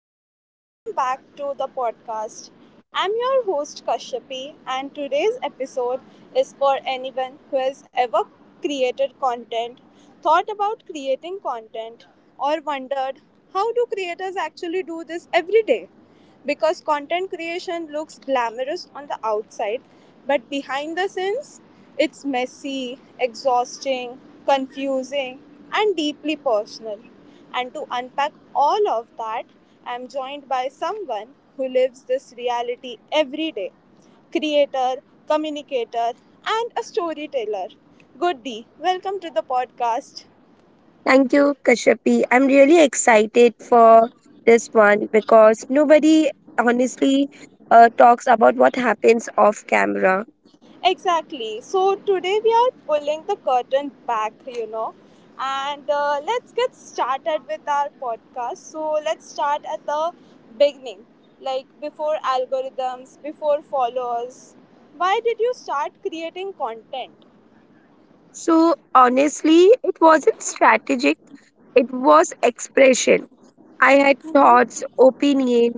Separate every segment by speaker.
Speaker 1: everyone, welcome back to the podcast. I'm your host Kashyapi and today's episode is for anyone who has ever created content, thought about creating content or wondered, how do creators actually do this every day? Because content creation looks glamorous on the outside, but behind the scenes it's messy, exhausting, confusing and deeply personal. And to unpack all of that, I'm joined by someone who lives this reality every day, creator, communicator, and a storyteller. Good, welcome to the podcast.
Speaker 2: Thank you, Kashyapi. I'm really excited for this one because nobody honestly talks about what happens off camera.
Speaker 1: Exactly. So today we are pulling the curtain back, and let's get started with our podcast. So let's start at the beginning, like before algorithms, before followers. Why did you start creating content?
Speaker 2: So, honestly, it wasn't strategic, it was expression. I had thoughts, opinion,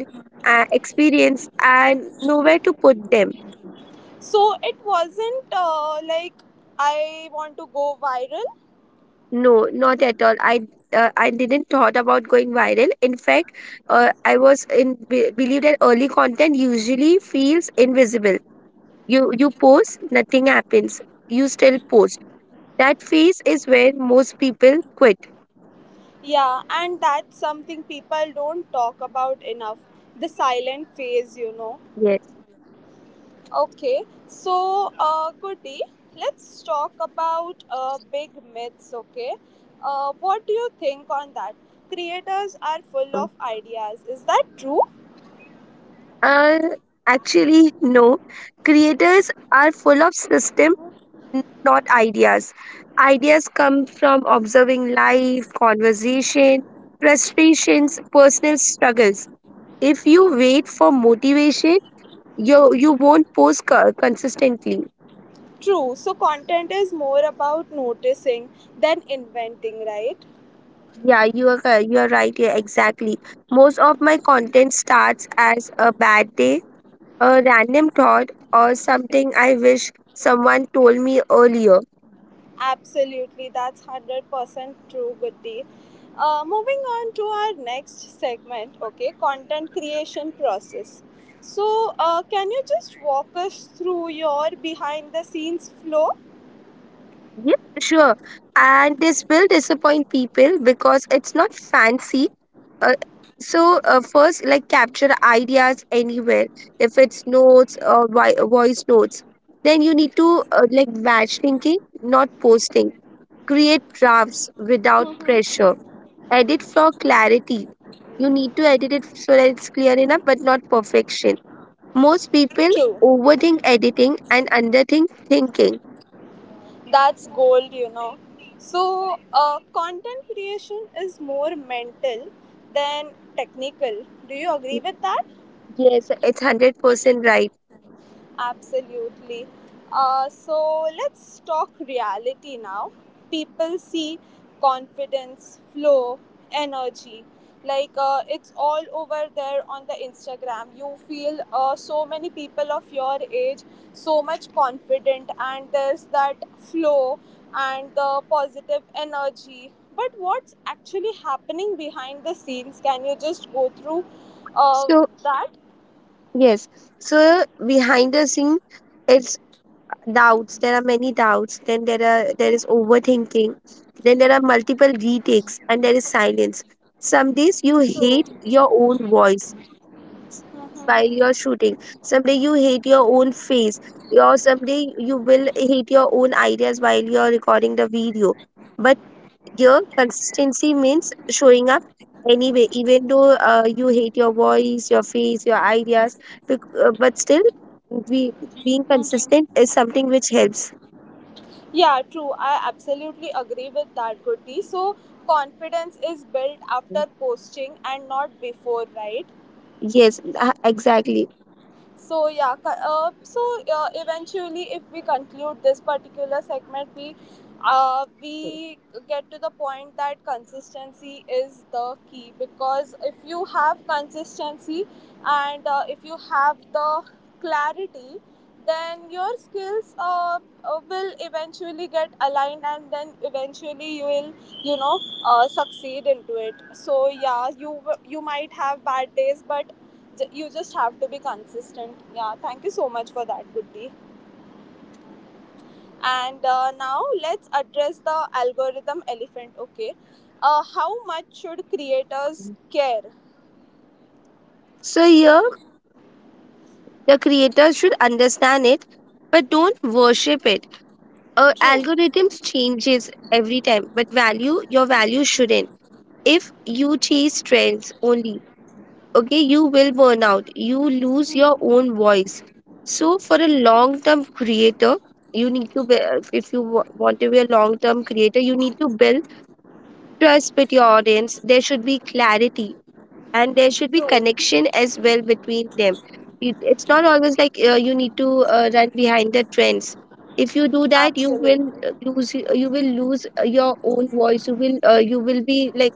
Speaker 2: experience, and nowhere to put them.
Speaker 1: So it wasn't like, I want to go viral.
Speaker 2: No, not at all. I didn't thought about going viral. In fact, I was believe that early content usually feels invisible. You post, nothing happens. You still post. That phase is where most people quit.
Speaker 1: Yeah, and that's something people don't talk about enough, the silent phase.
Speaker 2: Yes.
Speaker 1: Okay, so Goody, let's talk about big myths, okay? What do you think on that? Creators are full
Speaker 2: Mm.
Speaker 1: of ideas. Is that true?
Speaker 2: Uh, Actually, no. Creators are full of system, not ideas. Ideas come from observing life, conversation, frustrations, personal struggles. If you wait for motivation, you you won't post consistently.
Speaker 1: True. So, content is more about noticing than inventing, right?
Speaker 2: Yeah, you are you are right. Yeah, exactly. Most of my content starts as a bad day, a random thought, or something I wish someone told me earlier.
Speaker 1: Absolutely, that's 100% true, Goody. Moving on to our next segment, okay, content creation process. So, can you just walk us through your behind the scenes flow?
Speaker 2: Yep, sure. And this will disappoint people because it's not fancy. Uh, so first, like capture ideas anywhere. If it's notes or voice notes, then you need to like batch thinking, not posting. Create drafts without pressure, edit for clarity. You need to edit it so that it's clear enough, but not perfection. Most people
Speaker 1: True,
Speaker 2: overthink editing and underthink thinking.
Speaker 1: that's gold, you know. So, content creation is more mental than technical. Do you
Speaker 2: Y-
Speaker 1: agree with that?
Speaker 2: Yes, it's 100% right.
Speaker 1: Absolutely. So let's talk reality now. People see confidence, flow, energy. Like it's all over there on the Instagram. You feel so many people of your age so much confident, and there's that flow and the positive energy. But what's actually happening behind the scenes? Can you just go through uh,
Speaker 2: So,
Speaker 1: that?
Speaker 2: yes, so behind the scene, it's doubts. There are many doubts. Then there is overthinking. Then there are multiple retakes, and there is silence. Some days you hate
Speaker 1: True.
Speaker 2: your own voice while you're shooting. Someday you hate your own face, or someday you will hate your own ideas while you're recording the video. But here, consistency means showing up anyway, even though you hate your voice, your face, your ideas, but still, we, being consistent is something which helps.
Speaker 1: Yeah, true. I absolutely agree with that, Goody. So, confidence is built after posting and not before, right?
Speaker 2: Yes, exactly.
Speaker 1: So yeah, co- uh, so eventually, if we conclude this particular segment, We get to the point that consistency is the key, because if you have consistency and if you have the clarity, then your skills will eventually get aligned and then eventually you will, you know, succeed into it. So yeah, you might have bad days, but you just have to be consistent. Yeah, thank you so much for that, Buddhi. And now let's address the algorithm elephant, okay? How much should creators care?
Speaker 2: So here, the creators should understand it, but don't worship it.
Speaker 1: True,
Speaker 2: Algorithms changes every time, but value your value shouldn't. If you chase trends only, okay, you will burn out, you lose your own voice. So for a long term creator, you need to be, if you want to be a long term creator, you need to build trust with your audience. There should be clarity and there should be
Speaker 1: true.
Speaker 2: connection as well between them. It's not always like you need to run behind the trends. If you do that, you will lose your own voice. You will be like,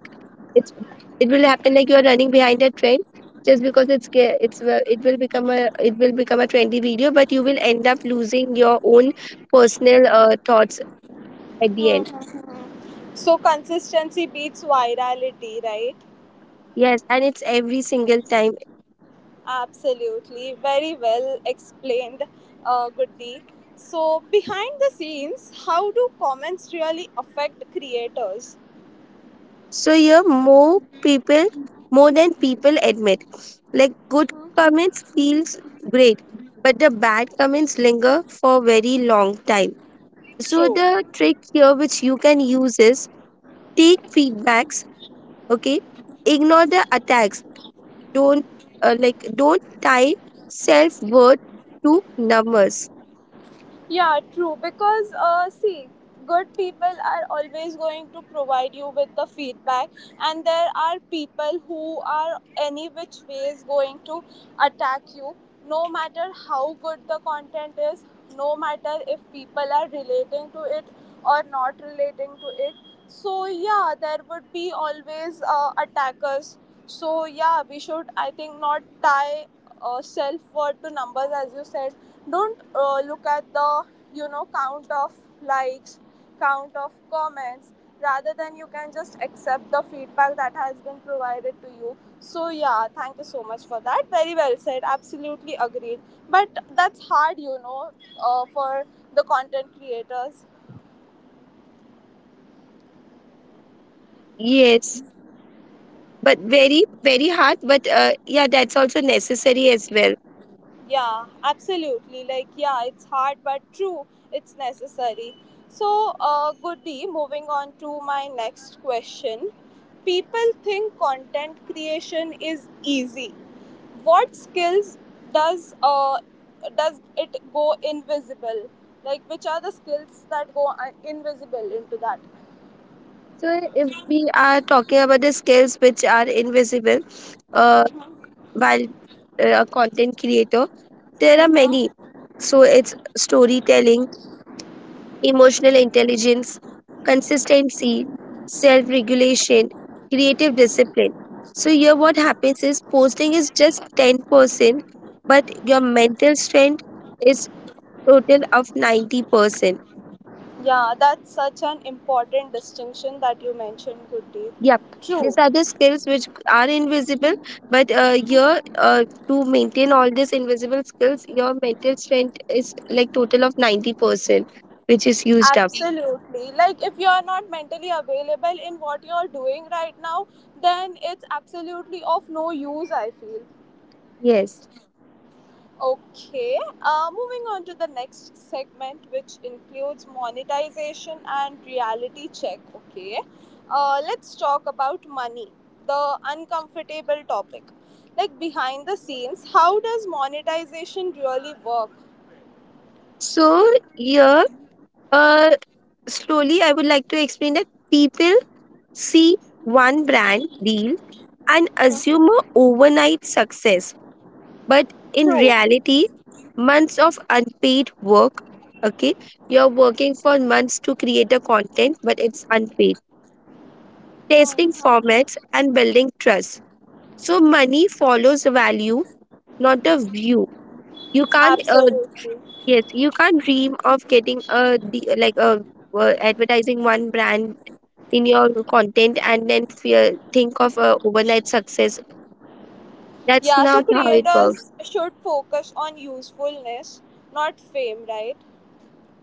Speaker 2: it's, it will happen like you are running behind a trend just because it will become a, it will become a trendy video, but you will end up losing your own personal thoughts at the
Speaker 1: Hmm,
Speaker 2: end.
Speaker 1: hmm, hmm. So consistency beats virality, right?
Speaker 2: Yes, and it's every single time.
Speaker 1: Absolutely. Very well explained, Goody. So, behind the scenes, how do comments really affect creators?
Speaker 2: So here, more people, more than people admit. Like good comments feels great, but the bad comments linger for very long time. So
Speaker 1: True.
Speaker 2: the trick here which you can use is take feedbacks, okay? Ignore the attacks. Don't like don't tie self-worth to numbers.
Speaker 1: Yeah, true. Because, see, good people are always going to provide you with the feedback, and there are people who are any which ways going to attack you, no matter how good the content is, no matter if people are relating to it or not relating to it. So, yeah, there would be always attackers. So, yeah, we should, I think, not tie self word to numbers, as you said. Don't look at the, you know, count of likes, count of comments, rather than you can just accept the feedback that has been provided to you. So yeah, thank you so much for that. Very well said, absolutely agreed. But that's hard, you know, for the content creators.
Speaker 2: Yes, but very very hard. But yeah, that's also necessary as well.
Speaker 1: Yeah, absolutely. Like, yeah, it's hard but true. It's necessary. So, Goody, moving on to my next question. People think content creation is easy. What skills does uh, does it go invisible? Like, which are the skills that go invisible into that?
Speaker 2: So, if we are talking about the skills which are invisible uh, while a content creator, there are many.
Speaker 1: Mm-hmm.
Speaker 2: So, it's storytelling, emotional intelligence, consistency, self regulation, creative discipline. So, here what happens is posting is just 10%, but your mental strength is total of 90%.
Speaker 1: Yeah, that's such an important distinction that you mentioned, Goody.
Speaker 2: Yep. These
Speaker 1: True.
Speaker 2: are the skills which are invisible, but your to maintain all these invisible skills, your mental strength is like total of 90%, which is used up.
Speaker 1: Absolutely. Like, if you're not mentally available in what you're doing right now, then it's absolutely of no use, I feel.
Speaker 2: Yes.
Speaker 1: Okay, moving on to the next segment, which includes monetization and reality check. Okay, let's talk about money, the uncomfortable topic. Like, behind the scenes, how does monetization really work?
Speaker 2: So here, uh, slowly, I would like to explain that people see one brand deal and assume a
Speaker 1: Mhm.
Speaker 2: overnight success. But in
Speaker 1: True.
Speaker 2: reality, months of unpaid work, okay, you're working for months to create the content, but it's unpaid. Testing
Speaker 1: Mhm.
Speaker 2: formats and building trust. So money follows value, not the view. You can't,
Speaker 1: Absolutely.
Speaker 2: Yes, you can't dream of getting a like a advertising one brand in your content and then fear, think of a overnight success. That's
Speaker 1: Yeah, so
Speaker 2: not how it works.
Speaker 1: creators should focus on usefulness, not fame, right?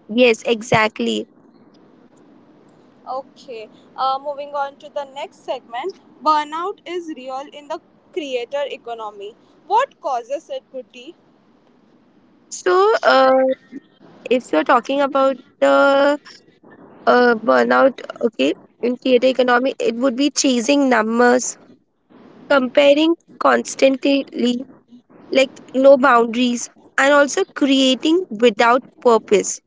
Speaker 2: Yes, exactly.
Speaker 1: Okay, moving on to the next segment. Burnout is real in the creator economy. What causes it, Guti?
Speaker 2: So, if you're talking about the burnout, okay, in theater economy, it would be chasing numbers, comparing constantly, like no boundaries, and also creating without purpose.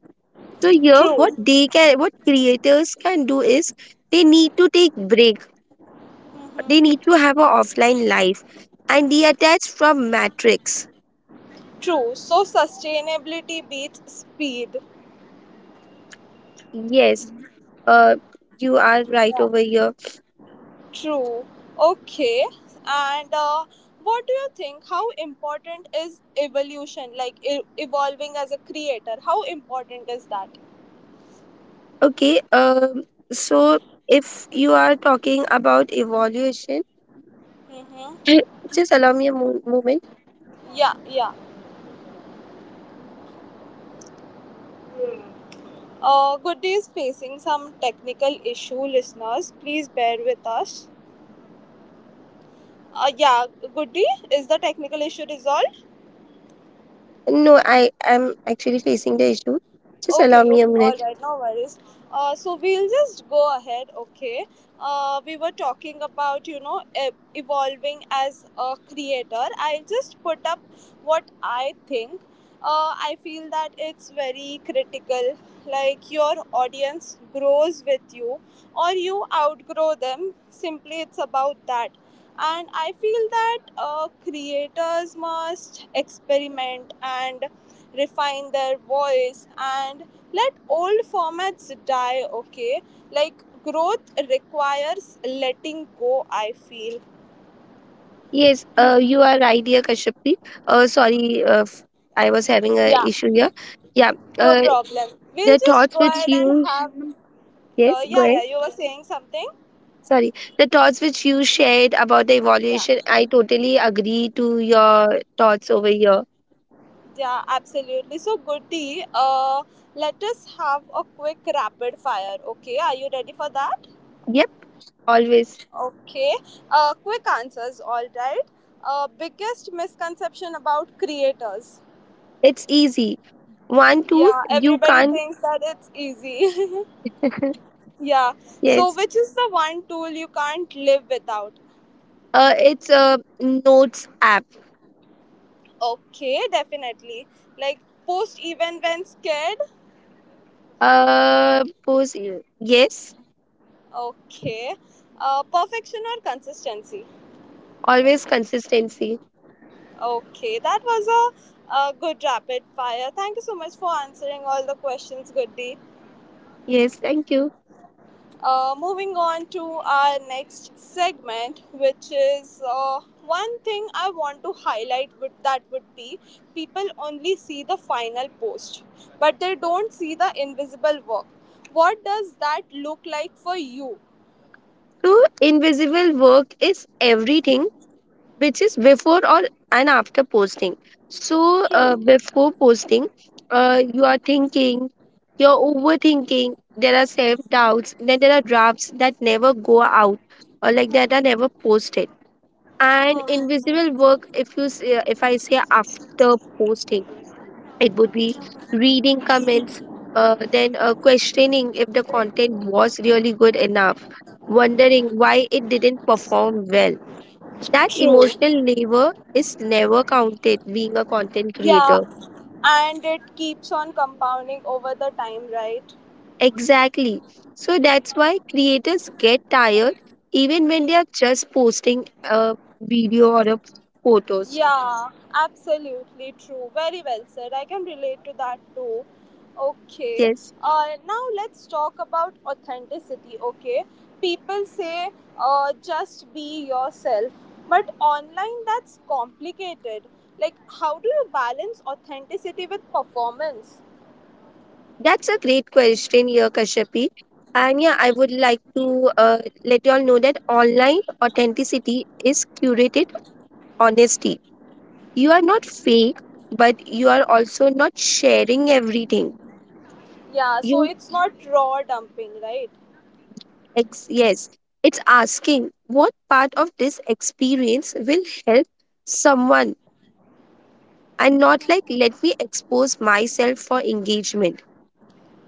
Speaker 2: So here,
Speaker 1: True.
Speaker 2: what creators can do is they need to take break. They
Speaker 1: Hmm.
Speaker 2: need to have an offline life and detach from matrix.
Speaker 1: True. So sustainability beats speed.
Speaker 2: Yes, uh, you are right
Speaker 1: Yeah.
Speaker 2: over here.
Speaker 1: True. Okay. And what do you think? How important is evolution, like evolving as a creator? How important is that?
Speaker 2: Okay, so if you are talking about evaluation,
Speaker 1: Mm-hmm.
Speaker 2: just allow me a moment.
Speaker 1: Yeah, yeah. Goody is facing some technical issue, listeners. Please bear with us. Yeah, Goody, is the technical issue resolved?
Speaker 2: No, I am actually facing the issue. Just allow
Speaker 1: Okay,
Speaker 2: me a
Speaker 1: okay, all
Speaker 2: minute.
Speaker 1: right, no worries. So we'll just go ahead, okay? We were talking about, you know, evolving as a creator. I'll just put up what I think. I feel that it's very critical. Like your audience grows with you or you outgrow them. Simply, it's about that, and I feel that creators must experiment and refine their voice and let old formats die, okay, like, growth requires letting go, I feel.
Speaker 2: Yes, you are right, dear Kashyapi. Sorry, I was having a issue here. Yeah,
Speaker 1: No problem, we'll
Speaker 2: the
Speaker 1: just
Speaker 2: thoughts
Speaker 1: go
Speaker 2: which
Speaker 1: ahead and
Speaker 2: you sh-
Speaker 1: have,
Speaker 2: yes, go
Speaker 1: yeah,
Speaker 2: ahead.
Speaker 1: yeah, you were saying something.
Speaker 2: Sorry, the thoughts which you shared about the
Speaker 1: Yeah,
Speaker 2: evaluation, I totally agree to your thoughts over here.
Speaker 1: yeah, absolutely. So Goody, let us have a quick rapid fire, okay? Are you ready for that?
Speaker 2: Yep, always.
Speaker 1: Okay, quick answers, all right. Biggest misconception about creators.
Speaker 2: It's easy. One tool
Speaker 1: Yeah,
Speaker 2: you
Speaker 1: everybody
Speaker 2: can't.
Speaker 1: thinks that it's easy. Yeah, so
Speaker 2: Yes.
Speaker 1: which is the one tool you can't live without?
Speaker 2: It's a notes app.
Speaker 1: Okay, definitely. Like, post even when scared.
Speaker 2: Pose. Yes.
Speaker 1: Okay, perfection or consistency.
Speaker 2: Always consistency.
Speaker 1: Okay, that was a good rapid fire. Thank you so much for answering all the questions, Goody.
Speaker 2: Yes. Thank you.
Speaker 1: Moving on to our next segment, which is, one thing I want to highlight, that would be, people only see the final post, but they don't see the invisible work. What does that look like for you?
Speaker 2: So invisible work is everything which is before or and after posting. So
Speaker 1: True.
Speaker 2: before posting, you are thinking, you're overthinking. There are self doubts. Then there are drafts that never go out, or like that are never posted. And invisible
Speaker 1: Mhm.
Speaker 2: work, if you say, if I say after posting, it would be reading comments, then questioning if the content was really good enough, wondering why it didn't perform well. That
Speaker 1: True.
Speaker 2: emotional labor is never counted being a content
Speaker 1: Yeah,
Speaker 2: creator.
Speaker 1: and it keeps on compounding over the time, right?
Speaker 2: Exactly, so that's why creators get tired even when they are just posting a video or a photos.
Speaker 1: Yeah, absolutely true. Very well said. I can relate to that too. Okay.
Speaker 2: Yes.
Speaker 1: Now let's talk about authenticity. Okay. People say, just be yourself. But online, that's complicated. Like, how do you balance authenticity with performance?
Speaker 2: That's a great question here, Kashyapi. And yeah, I would like to let you all know that online authenticity is curated honesty. You are not fake, but you are also not sharing everything.
Speaker 1: Yeah, so
Speaker 2: You
Speaker 1: it's not raw dumping, right?
Speaker 2: yes, it's asking what part of this experience will help someone and not like let me expose myself for engagement.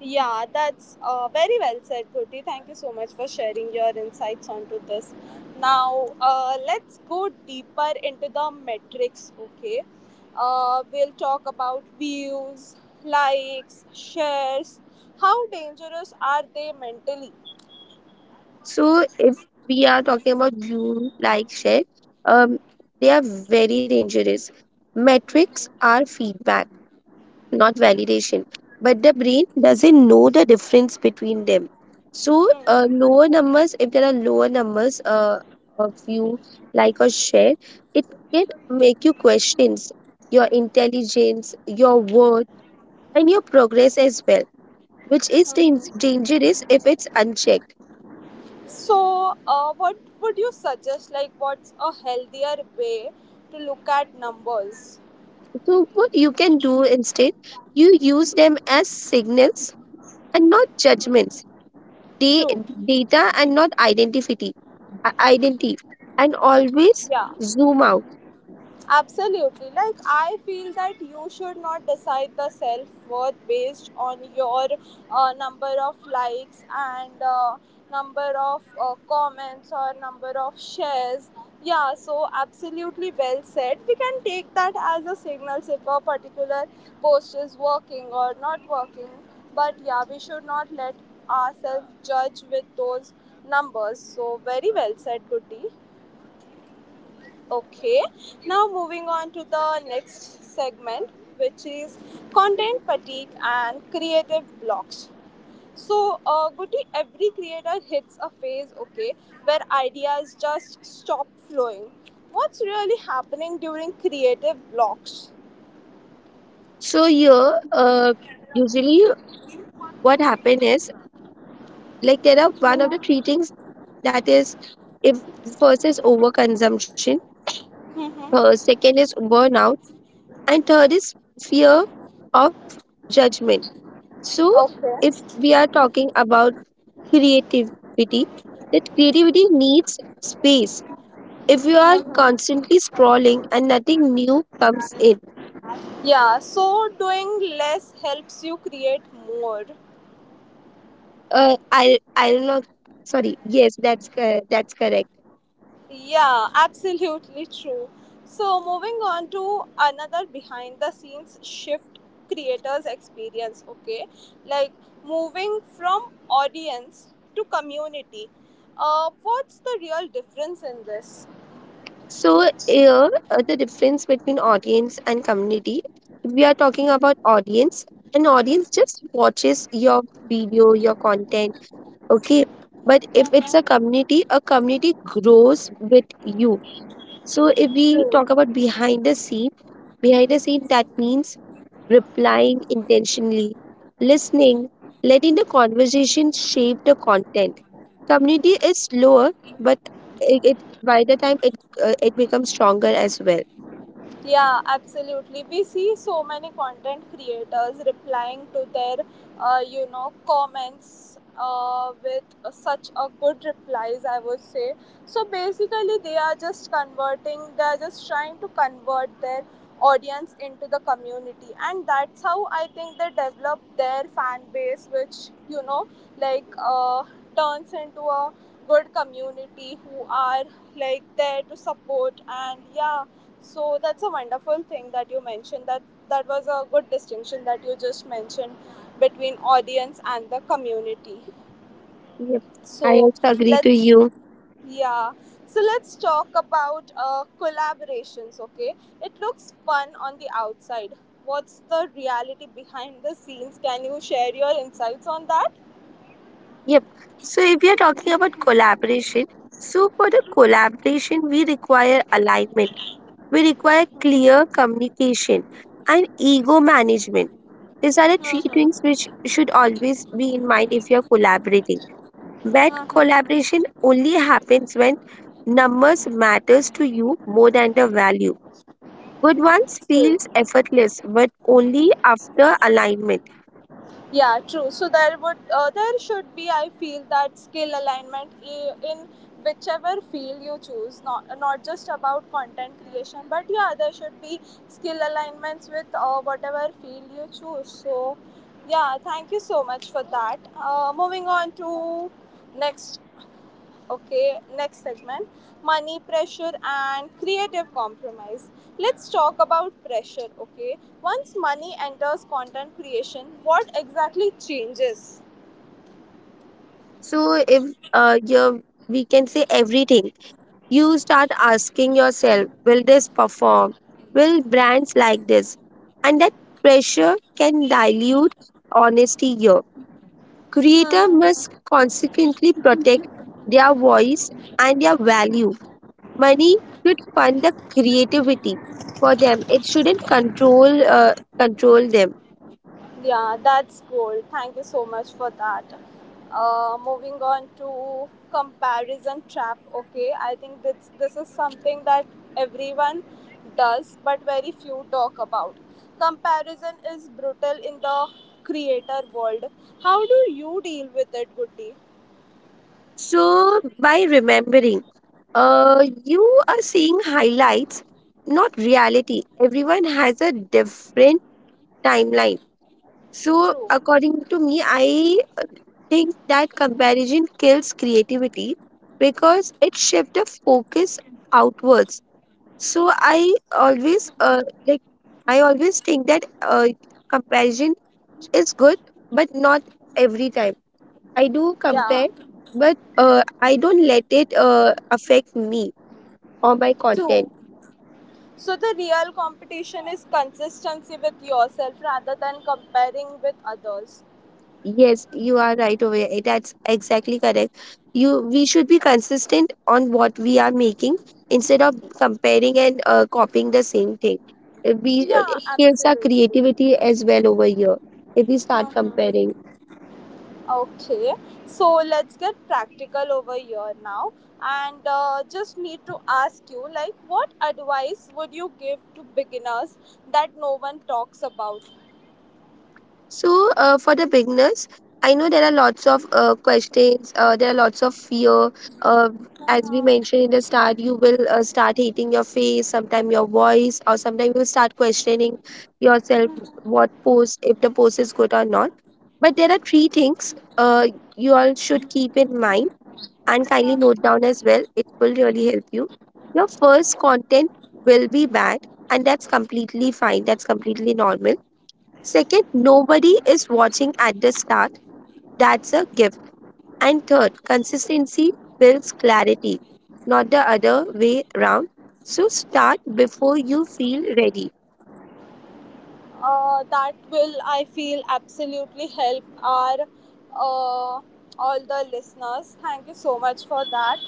Speaker 1: Yeah, that's very well said, Gurti. Thank you so much for sharing your insights onto this. Now, let's go deeper into the metrics, okay? We'll talk about views, likes, shares. How dangerous are they mentally?
Speaker 2: So if we are talking about you like share, um, they are very dangerous. Metrics are feedback, not validation. But the brain doesn't know the difference between them. So
Speaker 1: Mhm.
Speaker 2: if there are lower numbers of you like or share, it can make you questions your intelligence, your worth, and your progress as well, which is dangerous if it's unchecked.
Speaker 1: So, what would you suggest? Like, what's a healthier way to look at numbers?
Speaker 2: So, what you can do instead, you use them as signals and not judgments, da-
Speaker 1: True.
Speaker 2: data and not identity, identity, and always
Speaker 1: Yeah.
Speaker 2: zoom out.
Speaker 1: Absolutely. Like, I feel that you should not decide the self worth based on your number of likes and number of comments or number of shares. Yeah, so absolutely well said. We can take that as a signal if a particular post is working or not working. But yeah, we should not let ourselves judge with those numbers. So, very well said, Goody. Okay, now moving on to the next segment, which is content fatigue and creative blocks. So, Guti, every creator hits a phase, okay, where ideas just stop flowing. What's really happening during creative blocks?
Speaker 2: So, here, usually what happen is like there are one of the three things, that is if, first is overconsumption, second is burnout, and third is fear of judgment. So, if
Speaker 1: Okay.
Speaker 2: we are talking about creativity, that creativity needs space. If you are constantly scrolling and nothing new comes in,
Speaker 1: Yeah, so doing less helps you create more.
Speaker 2: uh, I don't know, sorry. Yes, that's that's correct.
Speaker 1: Yeah, absolutely true. So, moving on to another behind the scenes shift creators experience, okay? Like moving from audience to community. What's the real difference in this?
Speaker 2: So here, the difference between audience and community, if we are talking about audience, an audience just watches your video, your content, okay? But if it's a community, a community grows with you. So if we talk about behind the scenes, behind the scene, that means replying intentionally, listening, letting the conversation shape the content. Community is slower, but it by the time it it becomes stronger as well.
Speaker 1: Yeah, absolutely. We see so many content creators replying to their, you know, comments with such a good replies, I would say. So basically, they are just converting. They are just trying to convert their audience into the community, and that's how I think they develop their fan base, which, you know, like, turns into a good community who are like there to support. And yeah, so that's a wonderful thing that you mentioned, that that was a good distinction that you just mentioned between audience and the community.
Speaker 2: Yep,
Speaker 1: so
Speaker 2: I also agree to
Speaker 1: let's
Speaker 2: you.
Speaker 1: yeah so let's talk about collaborations, okay? It looks fun on the outside. What's the reality behind the scenes? Can you share your insights on that?
Speaker 2: Yep. So if we are talking about collaboration, so for the collaboration we require alignment. We require clear communication and ego management. These are the three things
Speaker 1: Mm-hmm.
Speaker 2: which should always be in mind if you're collaborating. That
Speaker 1: Mm-hmm.
Speaker 2: collaboration only happens when numbers matters to you more than the value. Good ones
Speaker 1: True.
Speaker 2: feels effortless, but only after alignment.
Speaker 1: Yeah, true. So there would, there should be, I feel, that skill alignment in whichever field you choose. Not just about content creation, but yeah, there should be skill alignments with whatever field you choose. So yeah, thank you so much for that. Moving on to next. Okay, next segment, money pressure and creative compromise. Let's talk about pressure. Okay, once money enters content creation, what exactly changes?
Speaker 2: So if you we can say everything, you start asking yourself, will this perform? Will brands like this? And that pressure can dilute honesty here. Creator
Speaker 1: Hmm.
Speaker 2: must consequently protect their voice and their value. Money should fund the creativity for them. It shouldn't control them.
Speaker 1: Yeah, that's gold. Thank you so much for that. Moving on to comparison trap. Okay, I think this is something that everyone does, but very few talk about. Comparison is brutal in the creator world. How do you deal with it, Goody?
Speaker 2: So by remembering, you are seeing highlights, not reality. Everyone has a different timeline. So
Speaker 1: True.
Speaker 2: according to me, I think that comparison kills creativity because it shifts the focus outwards. So I always like I always think that comparison is good, but not every time. I do
Speaker 1: Yeah.
Speaker 2: compare, but I don't let it affect me or my content.
Speaker 1: True. So the real competition is consistency with yourself rather than comparing with others.
Speaker 2: Yes, you are right over here. That's exactly correct. You We should be consistent on what we are making instead of comparing and copying the same thing. We
Speaker 1: Yeah,
Speaker 2: It kills our
Speaker 1: absolutely.
Speaker 2: creativity as well over here if we start
Speaker 1: Hmm.
Speaker 2: comparing.
Speaker 1: Okay, so let's get practical over here now, and just need to ask you, like, what advice would you give to beginners that no one talks about?
Speaker 2: So, for the beginners, I know there are lots of questions, there are lots of fear. Uh, as we
Speaker 1: Uh-huh.
Speaker 2: mentioned in the start, you will start hating your face, sometime your voice, or sometimes you'll start questioning yourself what pose, if the pose is good or not. But there are three things you all should keep in mind and kindly note down as well. It will really help you. Your first content will be bad, and that's completely fine, that's completely normal. Second, nobody is watching at the start. That's a gift. And third, consistency builds clarity, not the other way around. So start before you feel ready.
Speaker 1: That will, I feel, absolutely help our uh, all the listeners. Thank you so much for that.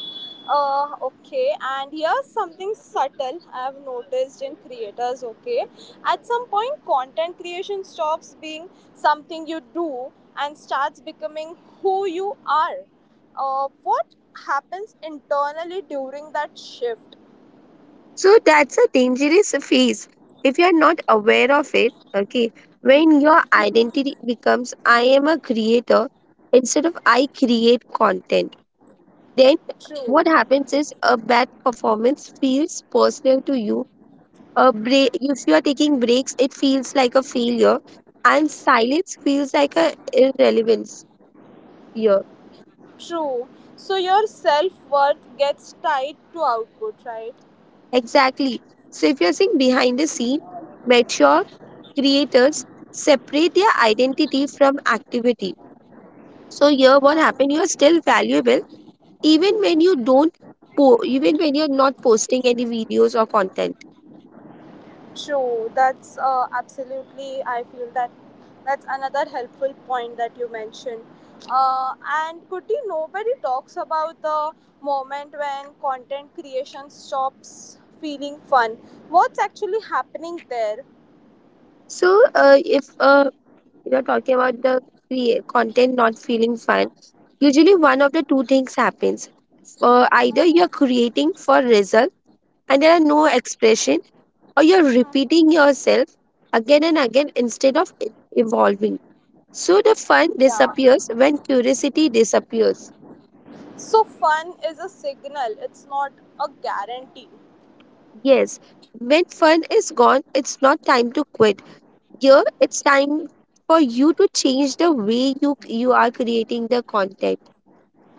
Speaker 1: okay, and here's something subtle I have noticed in creators, okay? At some point content creation stops being something you do and starts becoming who you are. What happens internally during that shift?
Speaker 2: So that's a dangerous phase if you're not aware of it. Okay, when your identity becomes I am a creator instead of I create content, then
Speaker 1: True.
Speaker 2: what happens is a bad performance feels personal to you, a break, if you are taking breaks, it feels like a failure, and silence feels like a irrelevance here.
Speaker 1: True. So your self worth gets tied to output, right?
Speaker 2: Exactly. So if you're saying behind the scene, mature creators separate their identity from activity. So here what happened, you're still valuable even when you don't even when you're not posting any videos or content.
Speaker 1: True. That's absolutely, I feel that that's another helpful point that you mentioned. And could you, nobody talks about the moment when content creation stops feeling fun? What's actually happening there?
Speaker 2: So if you're talking about the content not feeling fun, usually one of the two things happens. Either you're creating for result and there are no expression, or you're repeating yourself again and again instead of evolving. So the
Speaker 1: Uh,
Speaker 2: fun
Speaker 1: Yeah.
Speaker 2: disappears when curiosity disappears.
Speaker 1: So fun is a signal. It's not a guarantee.
Speaker 2: Yes, when fun is gone it's not time to quit here, it's time for you to change the way you are creating the content.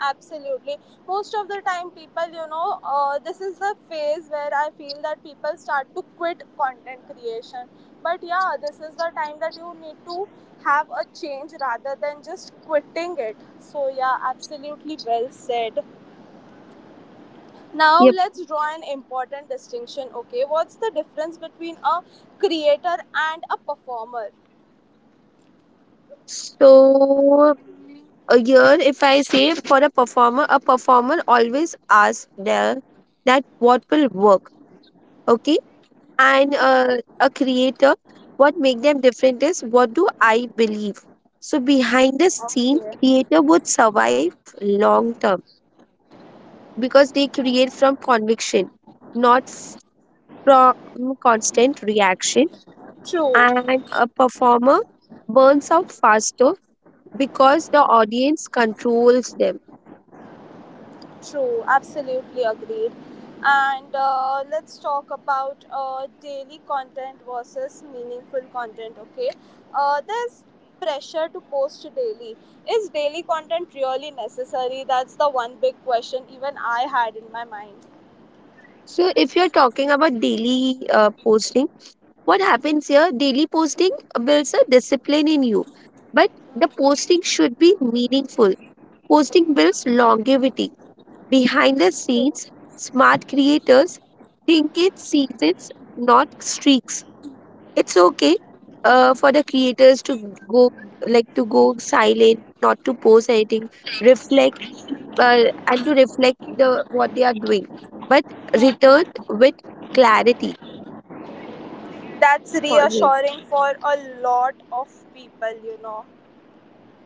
Speaker 1: Absolutely. Most of the time, people, you know, this is the phase where I feel that people start to quit content creation. But yeah, this is the time that you need to have a change rather than just quitting it. So, yeah, absolutely well said. Now,
Speaker 2: Yep.
Speaker 1: let's draw an important distinction. Okay, what's the difference between a creator and a performer?
Speaker 2: So a year if I say, for a performer, a performer always asks there that what will work. Okay, and
Speaker 1: Mm-hmm.
Speaker 2: a creator, what make them different is what do I believe? So behind the scene,
Speaker 1: Okay.
Speaker 2: creator would survive long term because they create from conviction, not from constant reaction.
Speaker 1: True.
Speaker 2: And a performer burns out faster because the audience controls them.
Speaker 1: True, absolutely agreed. And let's talk about daily content versus meaningful content, okay? There's pressure to post daily. Is daily content really necessary? That's the one big question even I had in my mind.
Speaker 2: So, if you're talking about daily posting, what happens here? Daily posting builds a discipline in you, but the posting should be meaningful. Posting builds longevity. Behind the scenes,
Speaker 1: Hmm.
Speaker 2: smart creators think in seasons, not streaks. It's okay for the creators to go, like to go silent, not to post anything, reflect and to reflect the what they are doing, but return with clarity
Speaker 1: That's
Speaker 2: always.
Speaker 1: reassuring for a lot of people, you know.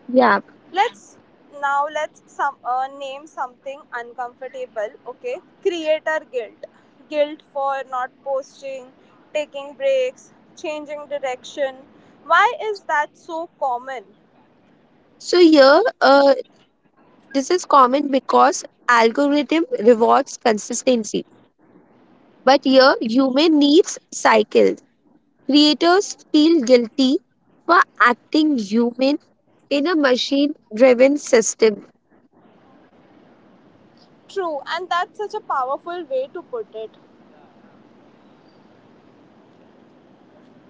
Speaker 2: Yeah.
Speaker 1: Let's now let's some name something uncomfortable. Okay, creator guilt, guilt for not posting, taking breaks, changing direction. Why is that so common?
Speaker 2: So here, this is common because algorithm rewards consistency, but here human needs cycles. Creators feel guilty for acting human in a machine-driven system.
Speaker 1: True, and that's such a powerful way to put it.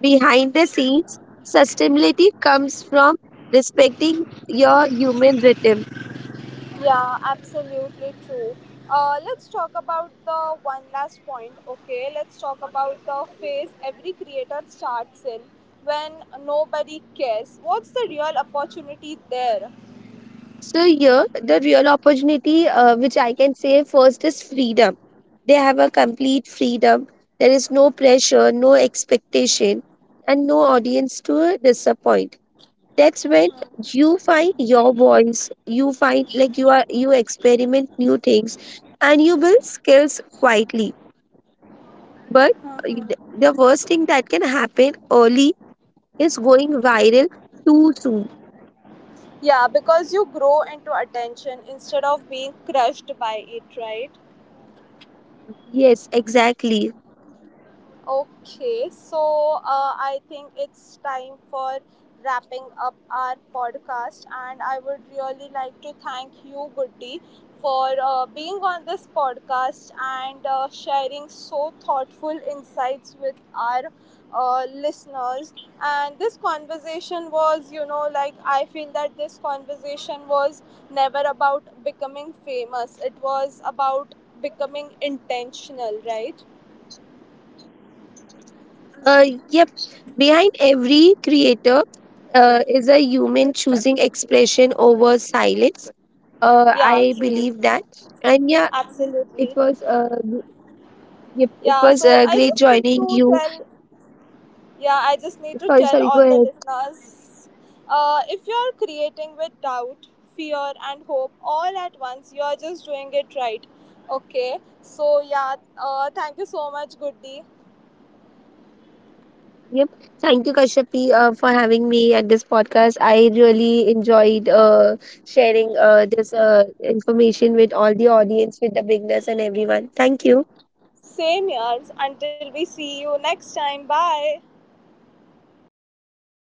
Speaker 2: Behind the scenes, sustainability comes from respecting your human rhythm.
Speaker 1: Yeah, absolutely true. Let's talk about the one last point, okay? Let's talk about the phase every creator starts in when nobody cares. What's the real opportunity there?
Speaker 2: So, here, the real opportunity, which I can say first, is freedom. They have a complete freedom. There is no pressure, no expectation, and no audience to disappoint. That's when you find your voice, you find like you are, you experiment new things, and you build skills quietly. But the worst thing that can happen early is going viral too soon.
Speaker 1: Yeah, because you grow into attention instead of being crushed by it, right?
Speaker 2: Yes, exactly.
Speaker 1: Okay, so I think it's time for wrapping up our podcast, and I would really like to thank you, Goody, for being on this podcast and sharing so thoughtful insights with our listeners. And this conversation was, you know, like, I feel that this conversation was never about becoming famous, it was about becoming intentional, right?
Speaker 2: Yep. Behind every creator is a human choosing expression over silence.
Speaker 1: Yeah,
Speaker 2: I
Speaker 1: true.
Speaker 2: believe that. And yeah, it
Speaker 1: Absolutely.
Speaker 2: was yep, it
Speaker 1: Yeah,
Speaker 2: was
Speaker 1: so I
Speaker 2: great
Speaker 1: just need
Speaker 2: joining
Speaker 1: to
Speaker 2: you.
Speaker 1: tell, yeah, I just need to
Speaker 2: Sorry,
Speaker 1: tell
Speaker 2: sorry, go
Speaker 1: all the
Speaker 2: ahead.
Speaker 1: listeners, if you're creating with doubt, fear, and hope all at once, you're just doing it right. Okay, so yeah, thank you so much, Goody.
Speaker 2: Yep. Thank you, Kashyapi, for having me at this podcast. I really enjoyed sharing this information with all the audience, with the beginners, and everyone. Thank you.
Speaker 1: Same years. Until we see you next time. Bye.